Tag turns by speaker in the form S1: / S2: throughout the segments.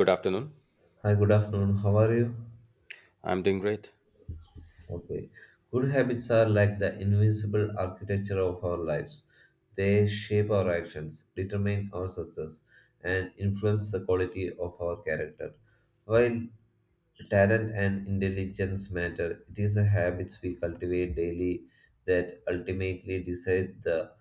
S1: Good afternoon.
S2: Hi, good afternoon. How are you?
S1: I'm doing great.
S2: Okay. Good habits are like the invisible architecture of our lives. They shape our actions, determine our success, and influence the quality of our character. While Talent and intelligence matter. It is the habits we cultivate daily that ultimately decide the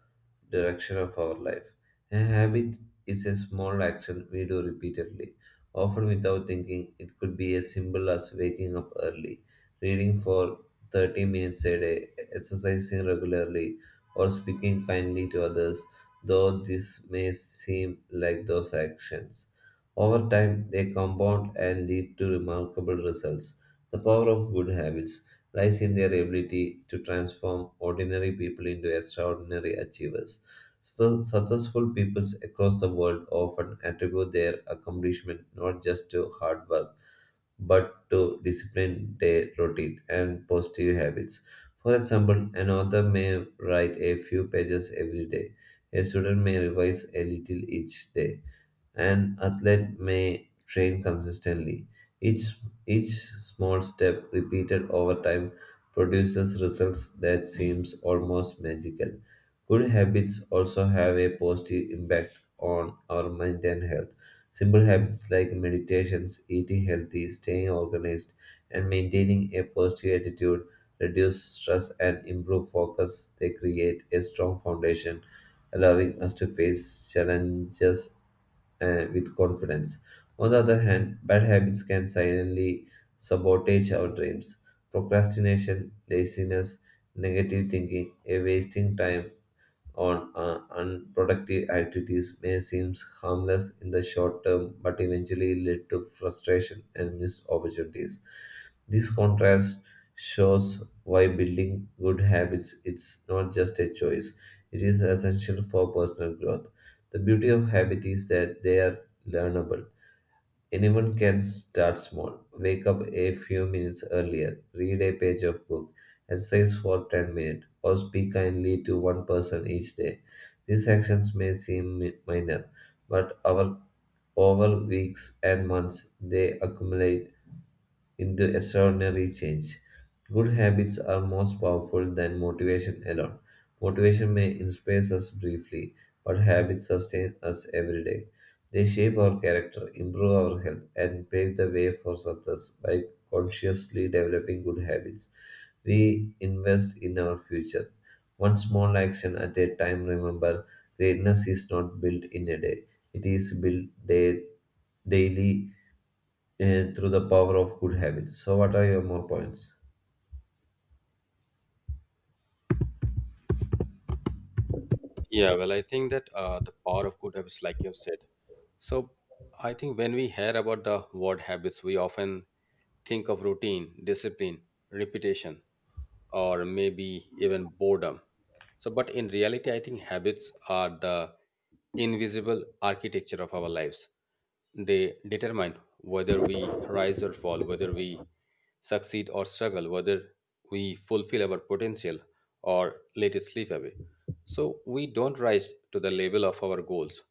S2: direction of our life. A habit is a small action we do repeatedly, often without thinking. It could be as simple as waking up early, reading for 30 minutes a day, exercising regularly, or speaking kindly to others, though this may seem like those actions over time, they compound and lead to remarkable results. The power of good habits lies in their ability to transform ordinary people into extraordinary achievers. So, successful peoples across the world often attribute their accomplishment not just to hard work, but to discipline, their routine, and positive habits. For example, an author may write a few pages every day. A student may revise a little each day, an athlete may train consistently. Each, each small step repeated over time produces results that seems almost magical. Good habits also have a positive impact on our mind and health. Simple habits like meditations, eating healthy, staying organized, and maintaining a positive attitude reduce stress and improve focus. They create a strong foundation allowing us to face challenges with confidence. On the other hand, bad habits can silently sabotage our dreams. Procrastination, laziness, negative thinking, a wasting time, on unproductive activities may seem harmless in the short term but eventually lead to frustration and missed opportunities. This contrast shows why building good habits is not just a choice, it is essential for personal growth. The beauty of habits is that they are learnable. Anyone can start small. Wake up a few minutes earlier, read a page of book, exercise for 10 minutes, or speak kindly to one person each day. These actions may seem minor, but over weeks and months they accumulate into extraordinary change. Good habits are most powerful than motivation alone. Motivation may inspire us briefly, but habits sustain us every day. They shape our character, improve our health, and pave the way for success by consciously developing good habits. We invest in our future. One small action at a time, remember, greatness is not built in a day. It is built day, daily and through the power of good habits. So, what are your more points?
S1: Yeah, well, I think that the power of good habits, like you have said. So, I think when we hear about the word habits, we often think of routine, discipline, repetition, or maybe even boredom. So, but in reality, I think habits are the invisible architecture of our lives. They determine whether we rise or fall, whether we succeed or struggle, whether we fulfill our potential or let it slip away. So, we don't rise to the level of our goals,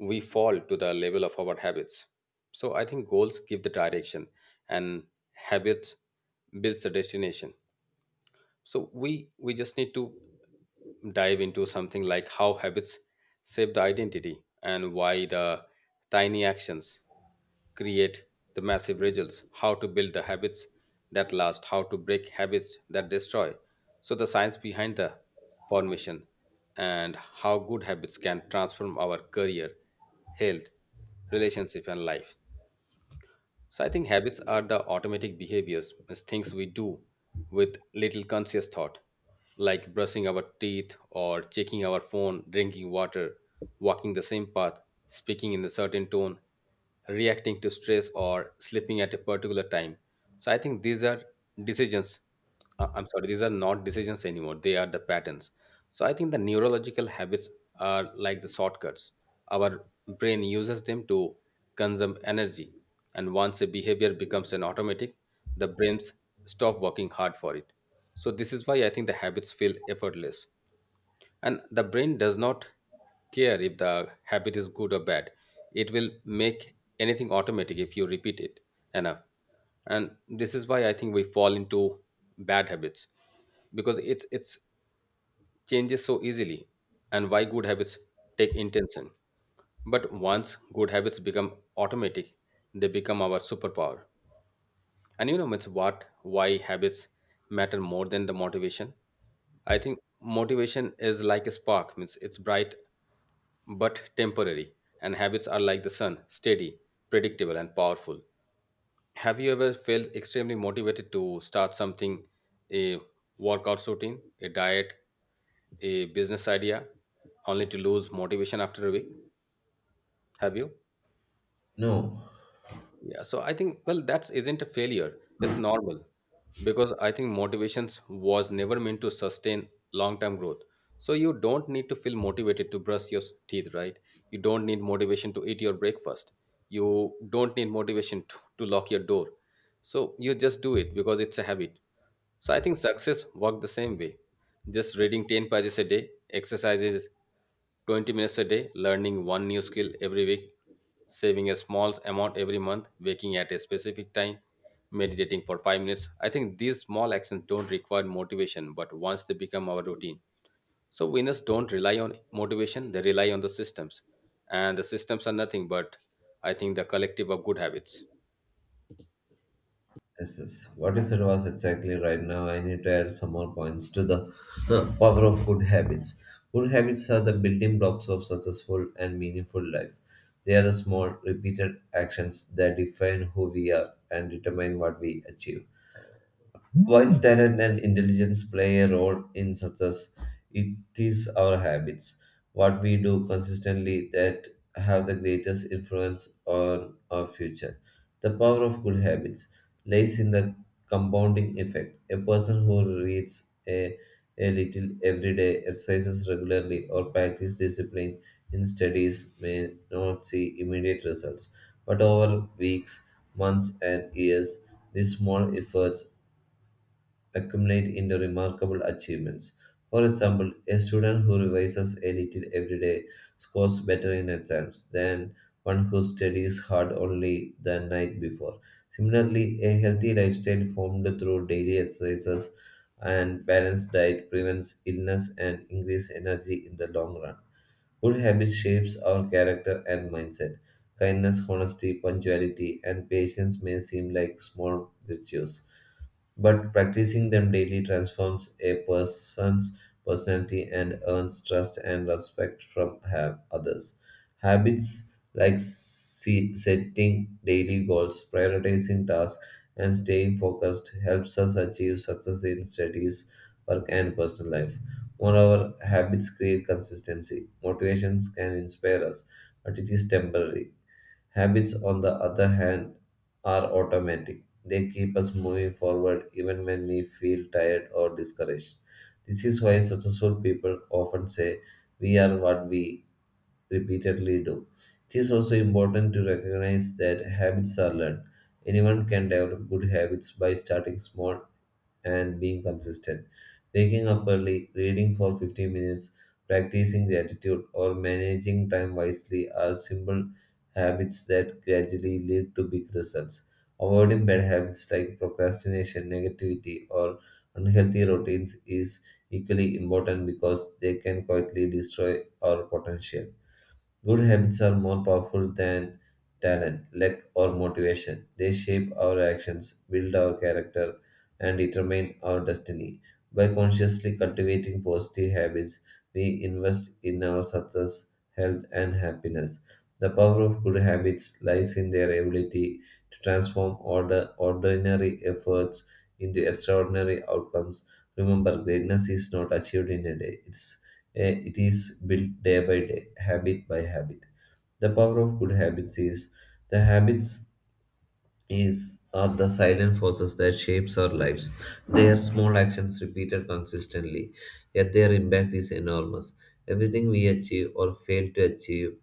S1: we fall to the level of our habits. So, I think goals give the direction, and habits builds the destination. So we just need to dive into something like how habits shape the identity and why the tiny actions create the massive results, how to build the habits that last, how to break habits that destroy. So the science behind the formation and how good habits can transform our career, health, relationship and life. So I think habits are the automatic behaviors, as things we do with little conscious thought, like brushing our teeth or checking our phone, drinking water, walking the same path, speaking in a certain tone, reacting to stress or sleeping at a particular time. So I think these are decisions I'm sorry, these are not decisions anymore. They are the patterns. So I think the neurological habits are like the shortcuts. Our brain uses them to consume energy. And once a behavior becomes an automatic, the brains stop working hard for it. So this is why I think the habits feel effortless. And the brain does not care if the habit is good or bad. It will make anything automatic if you repeat it enough. And this is why I think we fall into bad habits because it's changes so easily, and why good habits take intention. But once good habits become automatic, they become our superpower. And you know, it's what, why habits matter more than the motivation. I think motivation is like a spark, means it's bright but temporary. And habits are like the sun, steady, predictable, and powerful. Have you ever felt extremely motivated to start something, a workout routine, a diet, a business idea, only to lose motivation after a week? Have you?
S2: No,
S1: Yeah, so I think well that isn't a failure. It's normal because I think motivations was never meant to sustain long-term growth. So you don't need to feel motivated to brush your teeth, right? You don't need motivation to eat your breakfast. You don't need motivation to lock your door. So you just do it because it's a habit. So I think success worked the same way. Just reading 10 pages a day, exercises 20 minutes a day, learning one new skill every week, saving a small amount every month, waking at a specific time, meditating for 5 minutes. I think these small actions don't require motivation, but once they become our routine. So winners don't rely on motivation, they rely on the systems. And the systems are nothing but, I think, the collective of good habits.
S2: yes, yes. What you said was exactly right. Now, I need to add some more points to the power of good habits. Good habits are the building blocks of successful and meaningful life. They are the small, repeated actions that define who we are and determine what we achieve. While talent and intelligence play a role in success, it is our habits, what we do consistently, that have the greatest influence on our future. The power of good habits lies in the compounding effect. A person who reads a little every day, exercises regularly, or practices discipline in studies may not see immediate results, but over weeks, months, and years, these small efforts accumulate into remarkable achievements. For example, a student who revises a little every day scores better in exams than one who studies hard only the night before. Similarly, a healthy lifestyle formed through daily exercises and balanced diet prevents illness and increases energy in the long run. Good habit shapes our character and mindset. Kindness, honesty, punctuality, and patience may seem like small virtues, but practicing them daily transforms a person's personality and earns trust and respect from others. Habits like setting daily goals, prioritizing tasks, and staying focused helps us achieve success in studies, work, and personal life. Moreover, habits create consistency. Motivations can inspire us, but it is temporary. Habits, on the other hand, are automatic. They keep us moving forward even when we feel tired or discouraged. This is why successful people often say, we are what we repeatedly do. It is also important to recognize that habits are learned. Anyone can develop good habits by starting small and being consistent. Waking up early, reading for 15 minutes, practicing gratitude, or managing time wisely are simple habits that gradually lead to big results. Avoiding bad habits like procrastination, negativity, or unhealthy routines is equally important because they can quietly destroy our potential. Good habits are more powerful than talent, luck, or motivation. They shape our actions, build our character, and determine our destiny. By consciously cultivating positive habits, we invest in our success, health, and happiness. The power of good habits lies in their ability to transform ordinary efforts into extraordinary outcomes. Remember, greatness is not achieved in a day, it is built day by day, habit by habit. The power of good habits is the habits is are the silent forces that shapes our lives. They are small actions repeated consistently, yet their impact is enormous. Everything we achieve or fail to achieve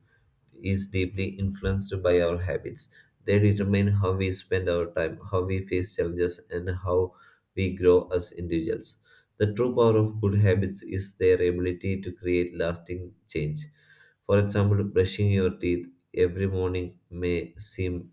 S2: is deeply influenced by our habits. They determine how we spend our time, how we face challenges, and how we grow as individuals. The true power of good habits is their ability to create lasting change. For example, brushing your teeth every morning may seem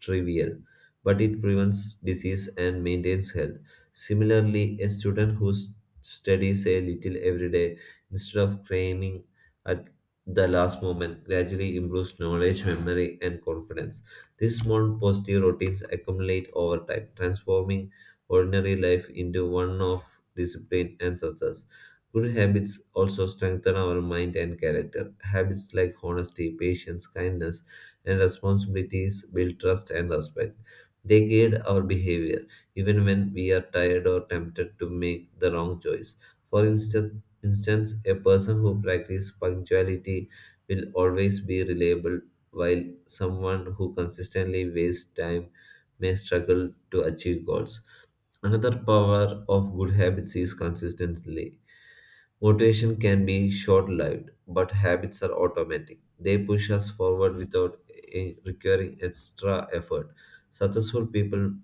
S2: trivial, but it prevents disease and maintains health. Similarly, a student who studies a little every day instead of cramming at the last moment gradually improves knowledge, memory, and confidence. These small positive routines accumulate over time, transforming ordinary life into one of discipline and success. Good habits also strengthen our mind and character. Habits like honesty, patience, kindness, and responsibilities build trust and respect. They guide our behavior even when we are tired or tempted to make the wrong choice. For instance, a person who practices punctuality will always be reliable, while someone who consistently wastes time may struggle to achieve goals. Another power of good habits is consistency. Motivation can be short lived, but habits are automatic. They push us forward without requiring extra effort. Successful people,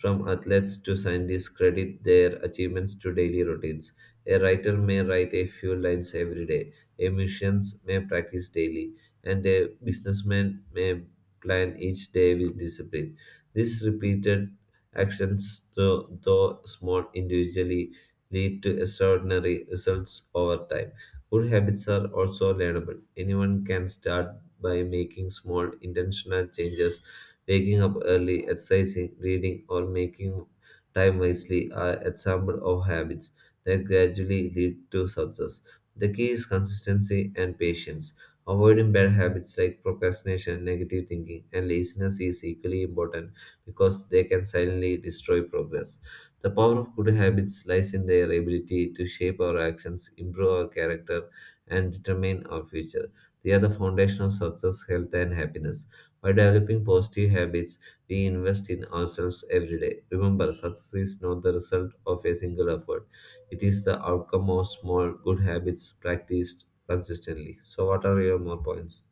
S2: from athletes to scientists, credit their achievements to daily routines. A writer may write a few lines every day, a musicians may practice daily, and a businessman may plan each day with discipline. These repeated actions, though small individually, lead to extraordinary results over time. Good habits are also learnable. Anyone can start by making small intentional changes. Waking up early, exercising, reading, or making time wisely are examples of habits that gradually lead to success. The key is consistency and patience. Avoiding bad habits like procrastination, negative thinking, and laziness is equally important because they can silently destroy progress. The power of good habits lies in their ability to shape our actions, improve our character, and determine our future. They are the foundation of success, health, and happiness. By developing positive habits, we invest in ourselves every day. Remember, success is not the result of a single effort, it is the outcome of small good habits practiced consistently. So, what are your more points?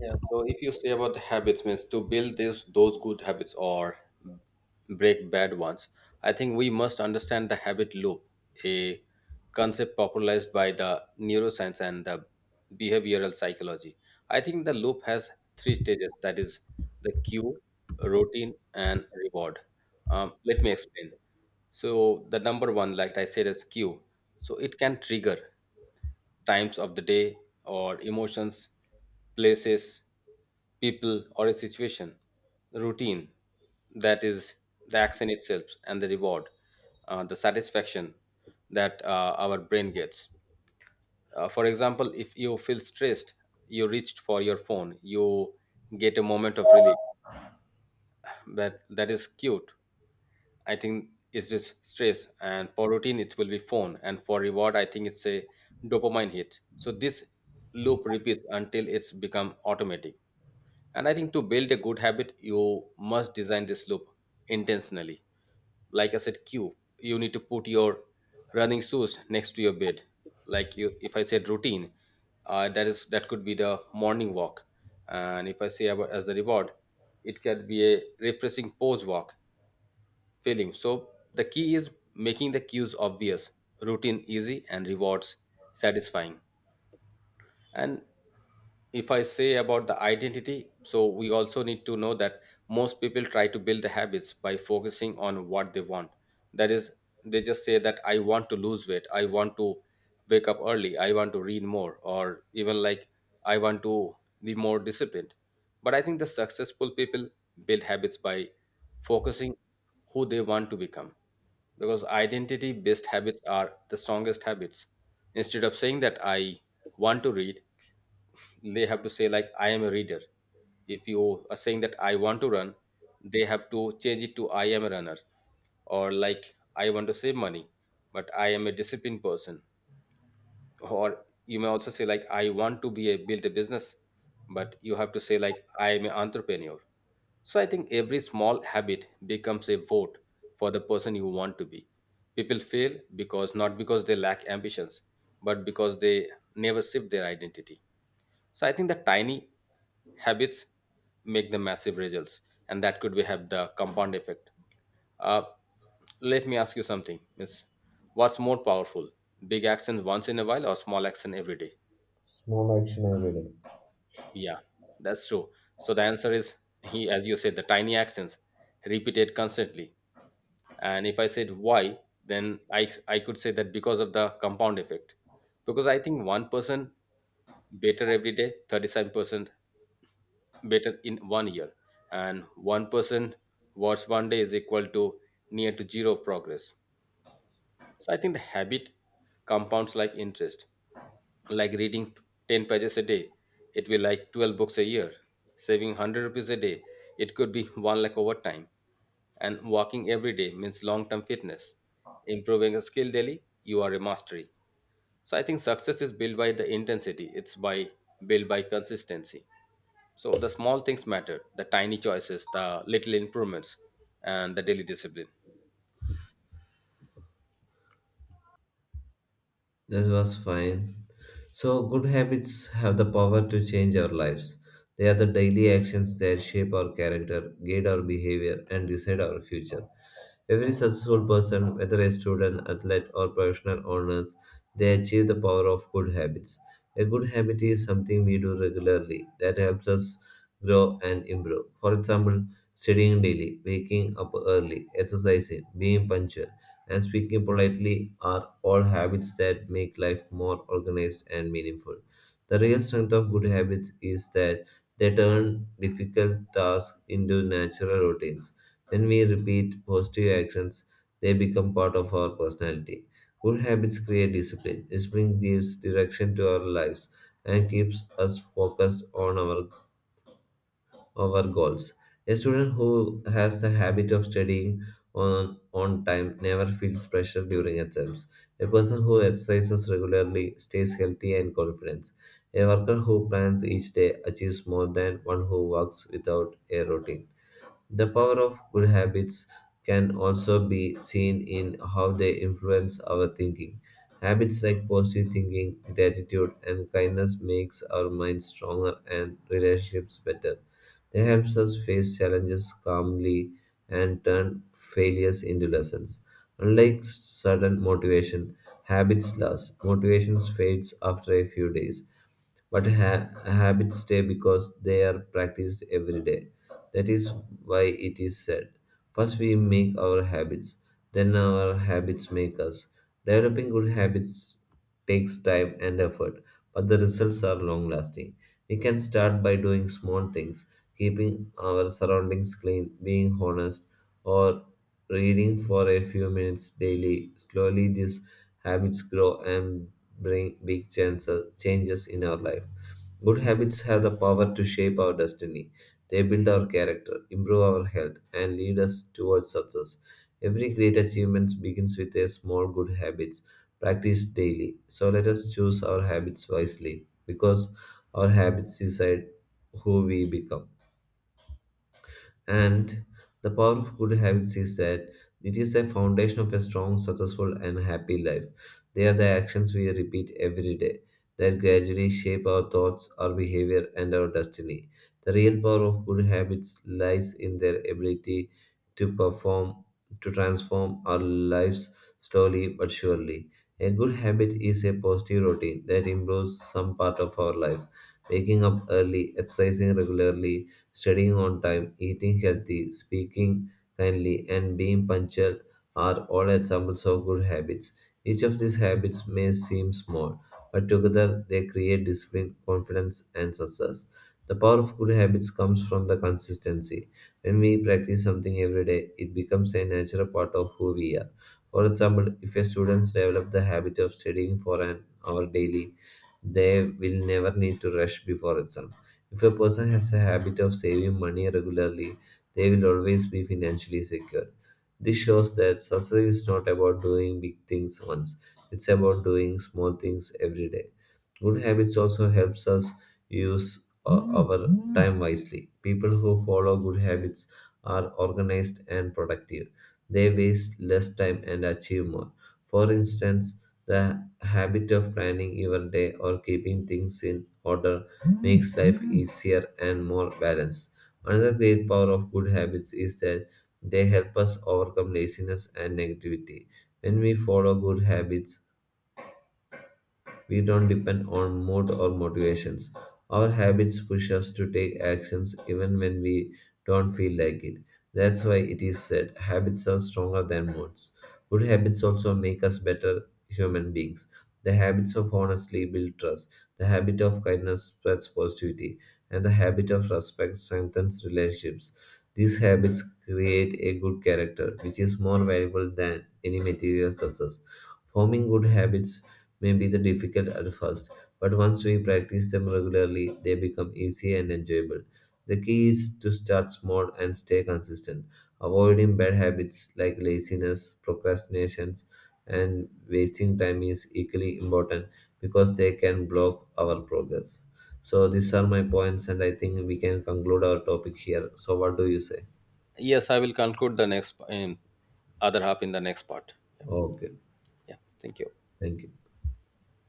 S1: Yeah, so if you say about the habits, means to build this those good habits or break bad ones, I think we must understand the habit loop, a concept popularized by the neuroscience and the behavioral psychology. I think the loop has three stages. That is the cue, routine, and reward. Let me explain. So the number one, like I said, is cue. So it can trigger times of the day or emotions, places, people, or a situation. The routine, that is the action itself, and the reward, the satisfaction that our brain gets. For example, if you feel stressed, you reached for your phone, you get a moment of relief. That is cute, I think it's just stress, and for routine it will be phone, and for reward I think it's a dopamine hit. So this loop repeats until it's become automatic. And I think to build a good habit, you must design this loop intentionally. Like I said, cue you need to put your running shoes next to your bed. Like you, if I said routine, that is that could be the morning walk, and if I say about as the reward, it can be a refreshing pose walk failing. So the key is making the cues obvious, routine easy, and rewards satisfying. And if I say about the identity, so we also need to know that most people try to build the habits by focusing on what they want. That is, they just say that I want to lose weight, I want to wake up early, I want to read more, or even like I want to be more disciplined. But I think the successful people build habits by focusing who they want to become, because identity based habits are the strongest habits. Instead of saying that I want to read, they have to say like I am a reader. If you are saying that I want to run, they have to change it to I am a runner. Or like I want to save money, but I am a disciplined person. Or you may also say like I want to be a build a business, but you have to say like I am an entrepreneur. So I think every small habit becomes a vote for the person you want to be. People fail because not because they lack ambitions, but because they never shift their identity. So I think the tiny habits make the massive results, and that could be have the compound effect. Uh, Let me ask you something, Miss. What's more powerful, big action once in a while or small action every day?
S2: Small action every day.
S1: Yeah, that's true. So the answer is, he, as you said, the tiny actions repeated constantly. And if I said why, then I could say that because of the compound effect, because I think one person better every day, 37% better in 1 year and 1% watch 1 day is equal to near to zero progress. So I think the habit compounds like interest, like reading 10 pages a day, it will like 12 books a year, saving 100 rupees a day, it could be 1 lakh over time, and walking every day means long term fitness, improving a skill daily you are a mastery. So I think success is built by the intensity, it's by built by consistency. So the small things matter, the tiny choices, the little improvements, and the daily discipline.
S2: This was fine. So, good habits have the power to change our lives. They are the daily actions that shape our character, guide our behavior, and decide our future. Every successful person, whether a student, athlete, or professional owner, they achieve the power of good habits. A good habit is something we do regularly that helps us grow and improve. For example, studying daily, waking up early, exercising, being punctual, and speaking politely are all habits that make life more organized and meaningful. The real strength of good habits is that they turn difficult tasks into natural routines. When we repeat positive actions, they become part of our personality. Good habits create discipline. Discipline gives direction to our lives and keeps us focused on our goals. A student who has the habit of studying on time never feels pressure during exams. A person who exercises regularly stays healthy and confident. A worker who plans each day achieves more than one who works without a routine. The power of good habits can also be seen in how they influence our thinking. Habits like positive thinking, gratitude, and kindness makes our minds stronger and relationships better. They helps us face challenges calmly and turn failures into lessons. Unlike sudden motivation, habits last. Motivation fades after a few days. But habits stay because they are practiced every day. That is why it is said, first we make our habits, then our habits make us. Developing good habits takes time and effort, but the results are long lasting. We can start by doing small things, keeping our surroundings clean, being honest, or reading for a few minutes daily. Slowly, these habits grow and bring big changes in our life. Good habits have the power to shape our destiny. They build our character, improve our health, and lead us towards success. Every great achievement begins with a small good habits practiced daily. So let us choose our habits wisely because our habits decide who we become. And the power of good habits is that it is the foundation of a strong, successful, and happy life. They are the actions we repeat every day that gradually shape our thoughts, our behavior, and our destiny. The real power of good habits lies in their ability to to transform our lives slowly but surely. A good habit is a positive routine that improves some part of our life. Waking up early, exercising regularly, studying on time, eating healthy, speaking kindly, and being punctual are all examples of good habits. Each of these habits may seem small, but together they create discipline, confidence, and success. The power of good habits comes from the consistency. When we practice something every day, it becomes a natural part of who we are. For example, if a student develops the habit of studying for an hour daily, they will never need to rush before exams. If a person has a habit of saving money regularly, they will always be financially secure. This shows that success is not about doing big things once, it's about doing small things every day. Good habits also helps us use our time wisely. People who follow good habits are organized and productive. They waste less time and achieve more. For instance, the habit of planning your day or keeping things in order makes life easier and more balanced. Another great power of good habits is that they help us overcome laziness and negativity. When we follow good habits, we don't depend on mood or motivations. Our habits push us to take actions even when we don't feel like it. That's why it is said habits are stronger than moods. Good habits also make us better human beings. The habits of honesty build trust. The habit of kindness spreads positivity. And the habit of respect strengthens relationships. These habits create a good character, which is more valuable than any material success. Forming good habits may be the difficult at first, but once we practice them regularly, they become easy and enjoyable. The key is to start small and stay consistent, avoiding bad habits like laziness, procrastinations, and wasting time is equally important because they can block our progress. So these are my points, and I think we can conclude our topic here. So what do you say?
S1: Yes, I will conclude the next in other half in the next part. Yeah,
S2: Okay,
S1: yeah. Thank you.
S2: thank you.